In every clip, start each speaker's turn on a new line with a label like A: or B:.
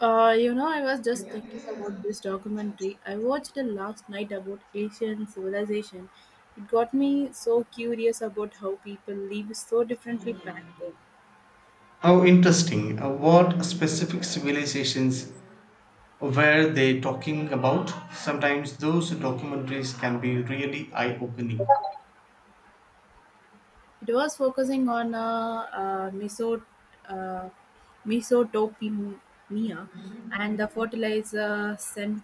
A: I was just thinking about this documentary I watched the last night about Asian civilization. It got me so curious about how people live so differently back then.
B: How interesting. What specific civilizations were they talking about? Sometimes those documentaries can be really eye opening.
A: It was focusing on meso- uh, mesotopemia and the fertilizer sen-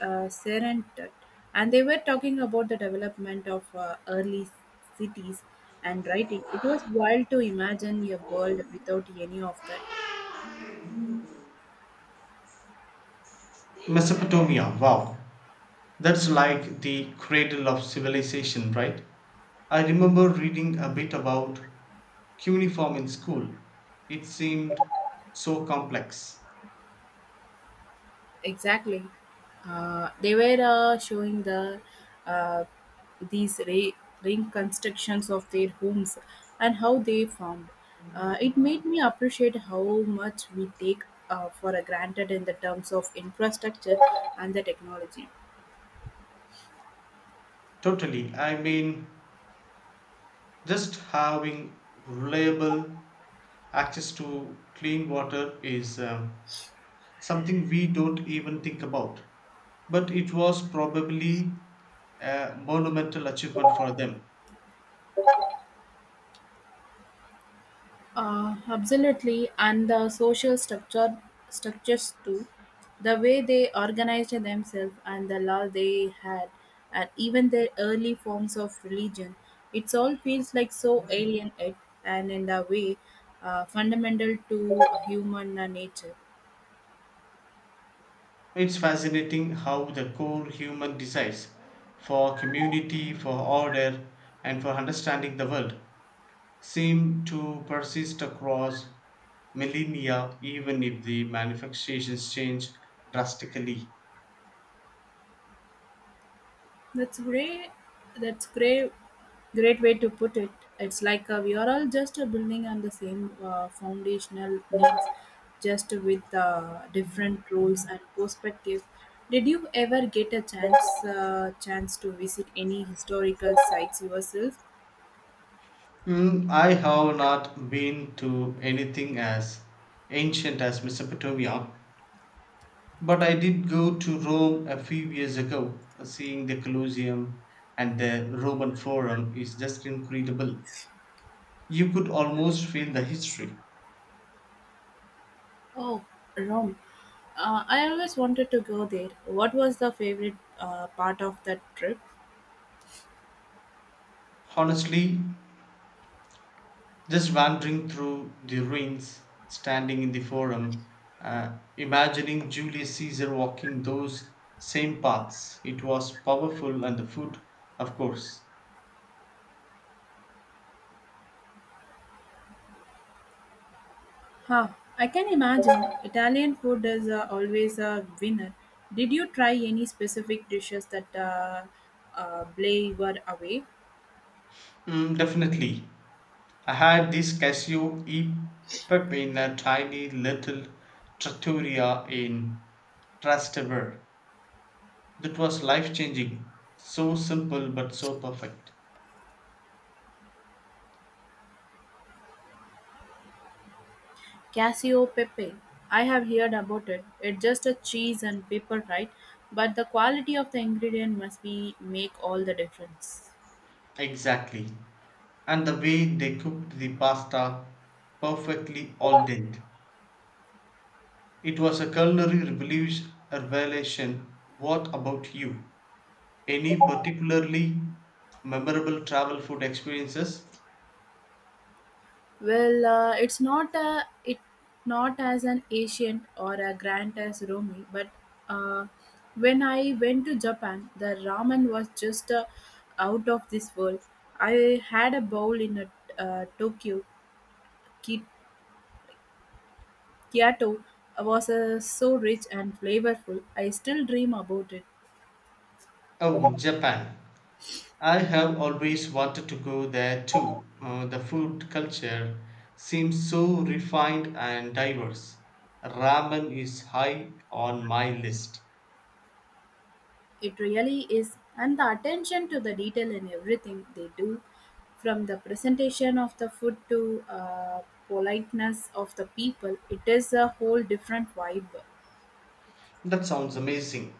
A: serentet. And they were talking about the development of early cities and writing. It was wild to imagine a world without any of that.
B: Mesopotamia, wow. That's like the cradle of civilization, right? I remember reading a bit about cuneiform in school. It seemed so complex.
A: Exactly. They were showing the uh, these re- reconstructions of their homes and how they formed. It made me appreciate how much we take for granted in the terms of infrastructure and the technology.
B: Totally. I mean, just having reliable access to clean water is something we don't even think about. But it was probably a monumental achievement for them.
A: Absolutely, and the social structure structures too, the way they organized themselves and the law they had, and even their early forms of religion. It all feels like so alien, yet, and in a way, fundamental to human nature.
B: It's fascinating how the core human desires for community, for order, and for understanding the world seem to persist across millennia, even if the manifestations change drastically.
A: That's great. That's great. Great way to put it. It's like we are all just building on the same foundational needs, just with different roles and perspectives. Did you ever get a chance to visit any historical sites yourself?
B: Mm, I have not been to anything as ancient as Mesopotamia, but I did go to Rome a few years ago. Seeing the Colosseum and the Roman Forum is just incredible. You could almost feel the history.
A: Oh, Rome. I always wanted to go there. What was the favorite part of that trip?
B: Honestly, just wandering through the ruins, standing in the Forum, uh, imagining Julius Caesar walking those same paths. It was powerful, and the food, of course.
A: Huh, I can imagine. Italian food is always a winner. Did you try any specific dishes that blew you away?
B: Mm, definitely. I had this cashew epoch in a tiny little trattoria in Trastevere. That was life changing. So simple but so perfect.
A: Cassio pepe. I have heard about it. It's just a cheese and pepper, right? But the quality of the ingredient must be make all the difference.
B: Exactly. And the way they cooked the pasta perfectly al dente. It was a culinary revolution a revelation. What about you? Any particularly memorable travel food experiences?
A: Well, it's not a it not as an ancient or a grand as Romi, but uh, when I went to Japan, the ramen was just out of this world. I had a bowl in a Tokyo Ki- Kyoto was so rich and flavorful. I still dream about it.
B: Oh, Japan. I have always wanted to go there too. The food culture seems so refined and diverse. Ramen is high on my list.
A: It really is, and the attention to the detail in everything they do, from the presentation of the food to politeness of the people, it is a whole different vibe.
B: That sounds amazing.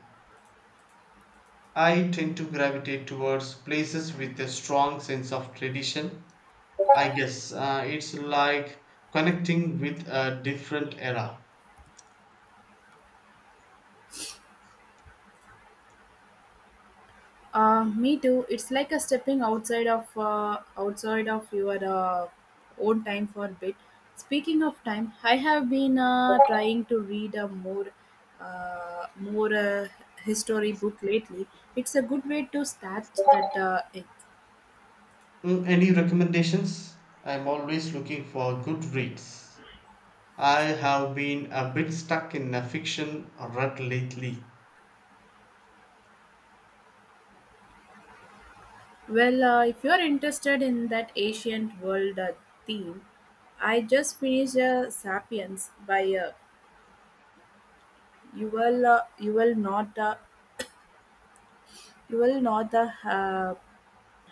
B: I tend to gravitate towards places with a strong sense of tradition. I guess it's like connecting with a different era.
A: Me too. It's like a stepping outside of your own time for a bit. Speaking of time, I have been trying to read a more more history book lately. It's a good way to start that
B: Mm, any recommendations? I'm always looking for good reads. I have been a bit stuck in a fiction rut lately.
A: Well, if you're interested in that ancient world theme, I just finished *Sapiens* by Yuval uh, Yuval Noah Yuval Noah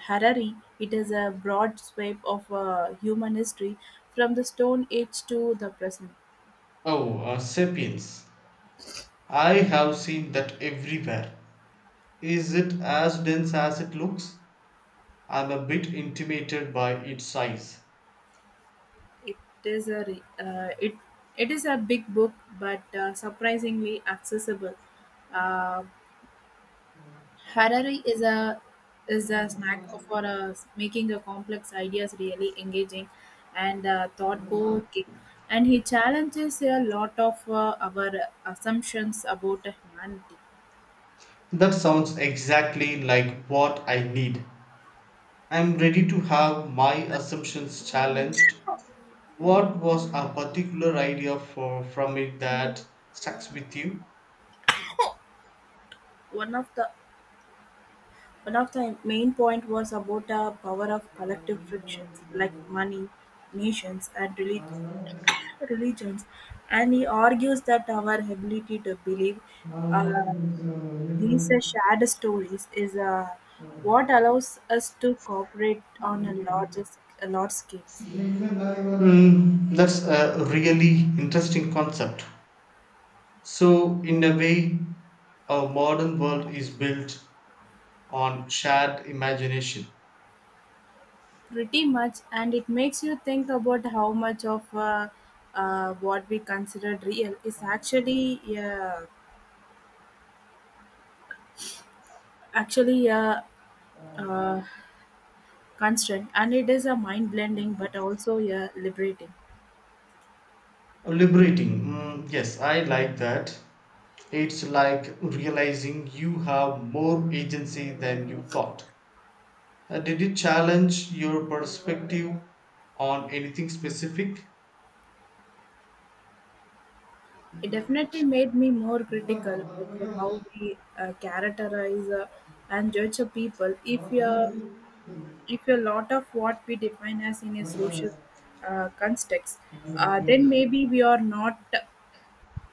A: Harari. It is a broad sweep of human history from the Stone Age to the present.
B: Oh, Sapiens. I have seen that everywhere. Is it as dense as it looks? I'm a bit intimidated by its size.
A: It is a re- uh, it it is a big book, but surprisingly accessible. Uh, Harari is a snack for making the complex ideas really engaging and thought provoking, and he challenges a lot of our assumptions about humanity.
B: That sounds exactly like what I need. I'm ready to have my assumptions challenged. What was a particular idea from it that stuck with you?
A: One of the One of the main point was about the power of collective frictions like money, nations, and relig- religions, and he argues that our ability to believe. uh, These shared stories is what allows us to cooperate on a large scale.
B: Hmm, that's a really interesting concept. So, in a way, our modern world is built on shared imagination.
A: Pretty much, and it makes you think about how much of what we consider real is actually a uh, constraint, and it is a mind blending, but also a liberating.
B: Liberating. Mm, yes, I like that. It's like realizing you have more agency than you thought. Did it challenge your perspective on anything specific?
A: It definitely made me more critical of how we characterize and judge a people if a lot of what we define as in a social context, then maybe we are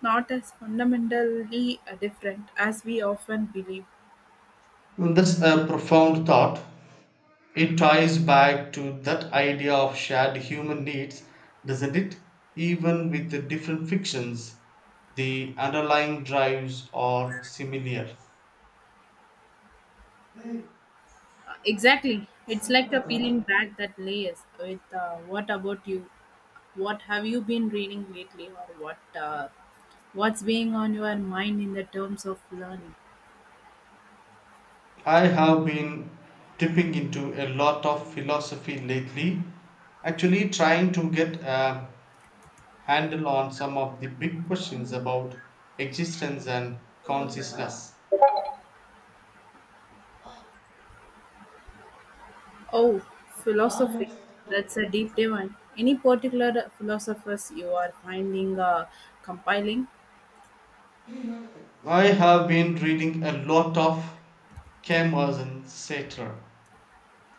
A: not as fundamentally different as we often believe.
B: Mm, that's a profound thought. It ties back to that idea of shared human needs, doesn't it? Even with the different fictions, the underlying drives are similar.
A: Exactly, it's like a peeling back that layers. With what about you? What have you been reading lately, or what's being on your mind in the terms of learning?
B: I have been dipping into a lot of philosophy lately, actually, trying to get a handle on some of the big questions about existence and consciousness.
A: Oh, philosophy. That's a deep divine. Any particular philosophers you are finding compiling?
B: I have been reading a lot of Camus and Sartre.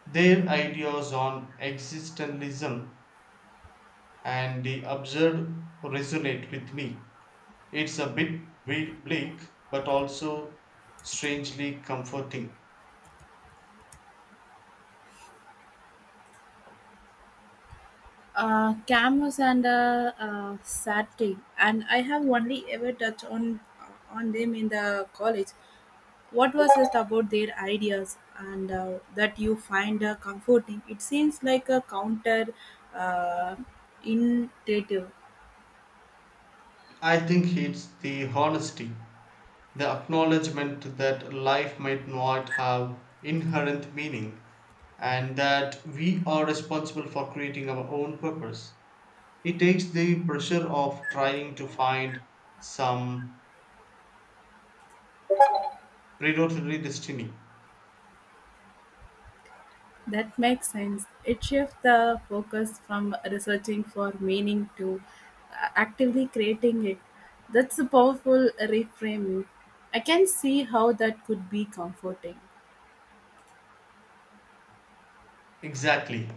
B: Their ideas on existentialism and the absurd resonate with me. It's a bit bleak, but also strangely comforting.
A: Camus and Sartre, and I have only ever touched on them in the college. What was it about their ideas and that you find comforting? It seems like a counter uh, intuitive.
B: I think it's the honesty, the acknowledgement that life might not have inherent meaning, and that we are responsible for creating our own purpose. It takes the pressure of trying to find some predatory destiny.
A: That makes sense. It shifts the focus from researching for meaning to actively creating it. That's a powerful reframing. I can see how that could be comforting.
B: Exactly.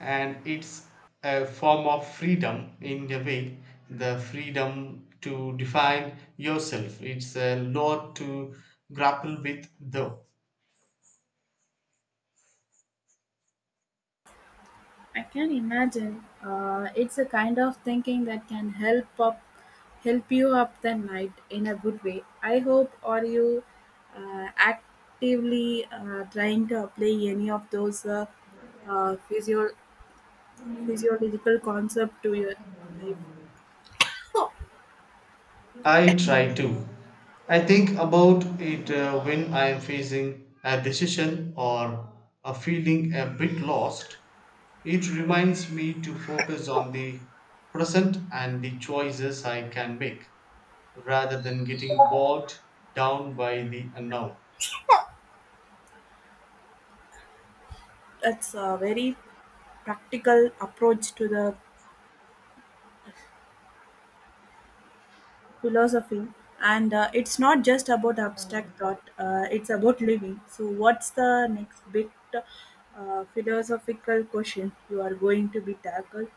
B: And it's a form of freedom in a way, the freedom to define yourself. It's a lot to grapple with, though.
A: I can imagine it's a kind of thinking that can help you up the night in a good way. I hope are you actively trying to apply any of those uh, physio physiological concept to your life.
B: I try to. I think about it when I am facing a decision or a feeling a bit lost. It reminds me to focus on the present and the choices I can make, rather than getting bogged down by the unknown.
A: That's a very practical approach to the philosophy, and it's not just about abstract thought. It's about living. So, what's the next big philosophical question you are going to be tackled?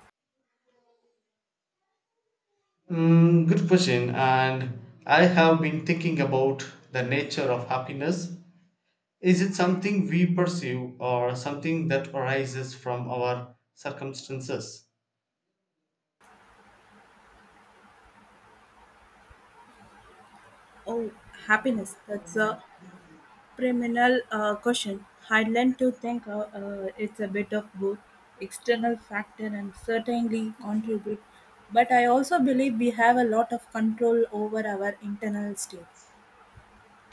B: Mm, good question. And I have been thinking about the nature of happiness. Is it something we pursue or something that arises from our circumstances?
A: Oh, happiness. That's a Criminal question. I learned to think it's a bit of both external factor and certainly contribute, but I also believe we have a lot of control over our internal state.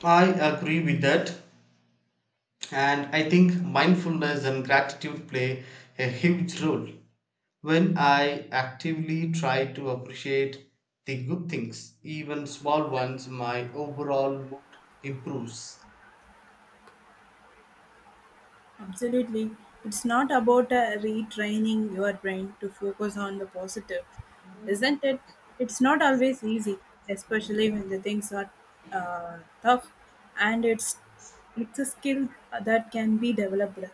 B: I agree with that. And I think mindfulness and gratitude play a huge role. When I actively try to appreciate the good things, even small ones, my overall mood improves.
A: Absolutely, it's not about retraining your brain to focus on the positive, isn't it? It's not always easy, especially when the things are tough, and it's a skill that can be developed.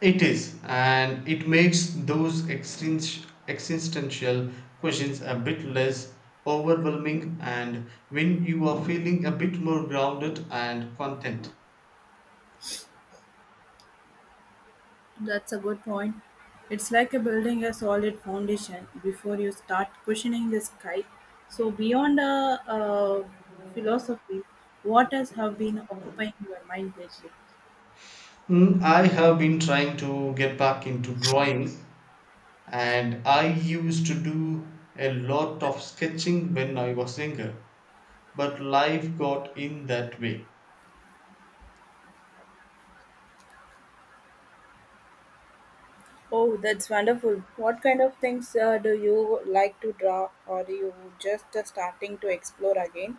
B: It is, and it makes those existential questions a bit less overwhelming. And when you are feeling a bit more grounded and content.
A: That's a good point. It's like a building a solid foundation before you start questioning the sky. So, beyond philosophy, what else have been occupying your mind lately?
B: Mm, I have been trying to get back into drawing, and I used to do a lot of sketching when I was younger, but life got in that way.
A: Oh, that's wonderful. What kind of things do you like to draw, or you just starting to explore again?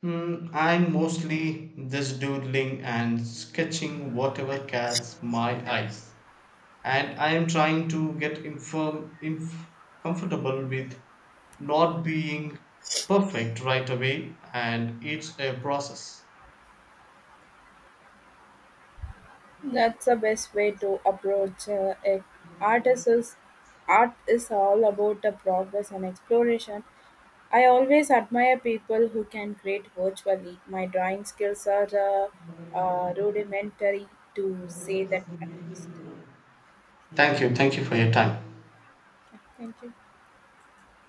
B: Hmm, I'm mostly just doodling and sketching whatever catches my eyes, and I am trying to get comfortable with not being perfect right away, and it's a process.
A: That's the best way to approach it. Art is, is- Art is all about the progress and exploration. I always admire people who can create virtually. My drawing skills are rudimentary to say that at least.
B: Thank you for your time.
A: Yeah, thank you.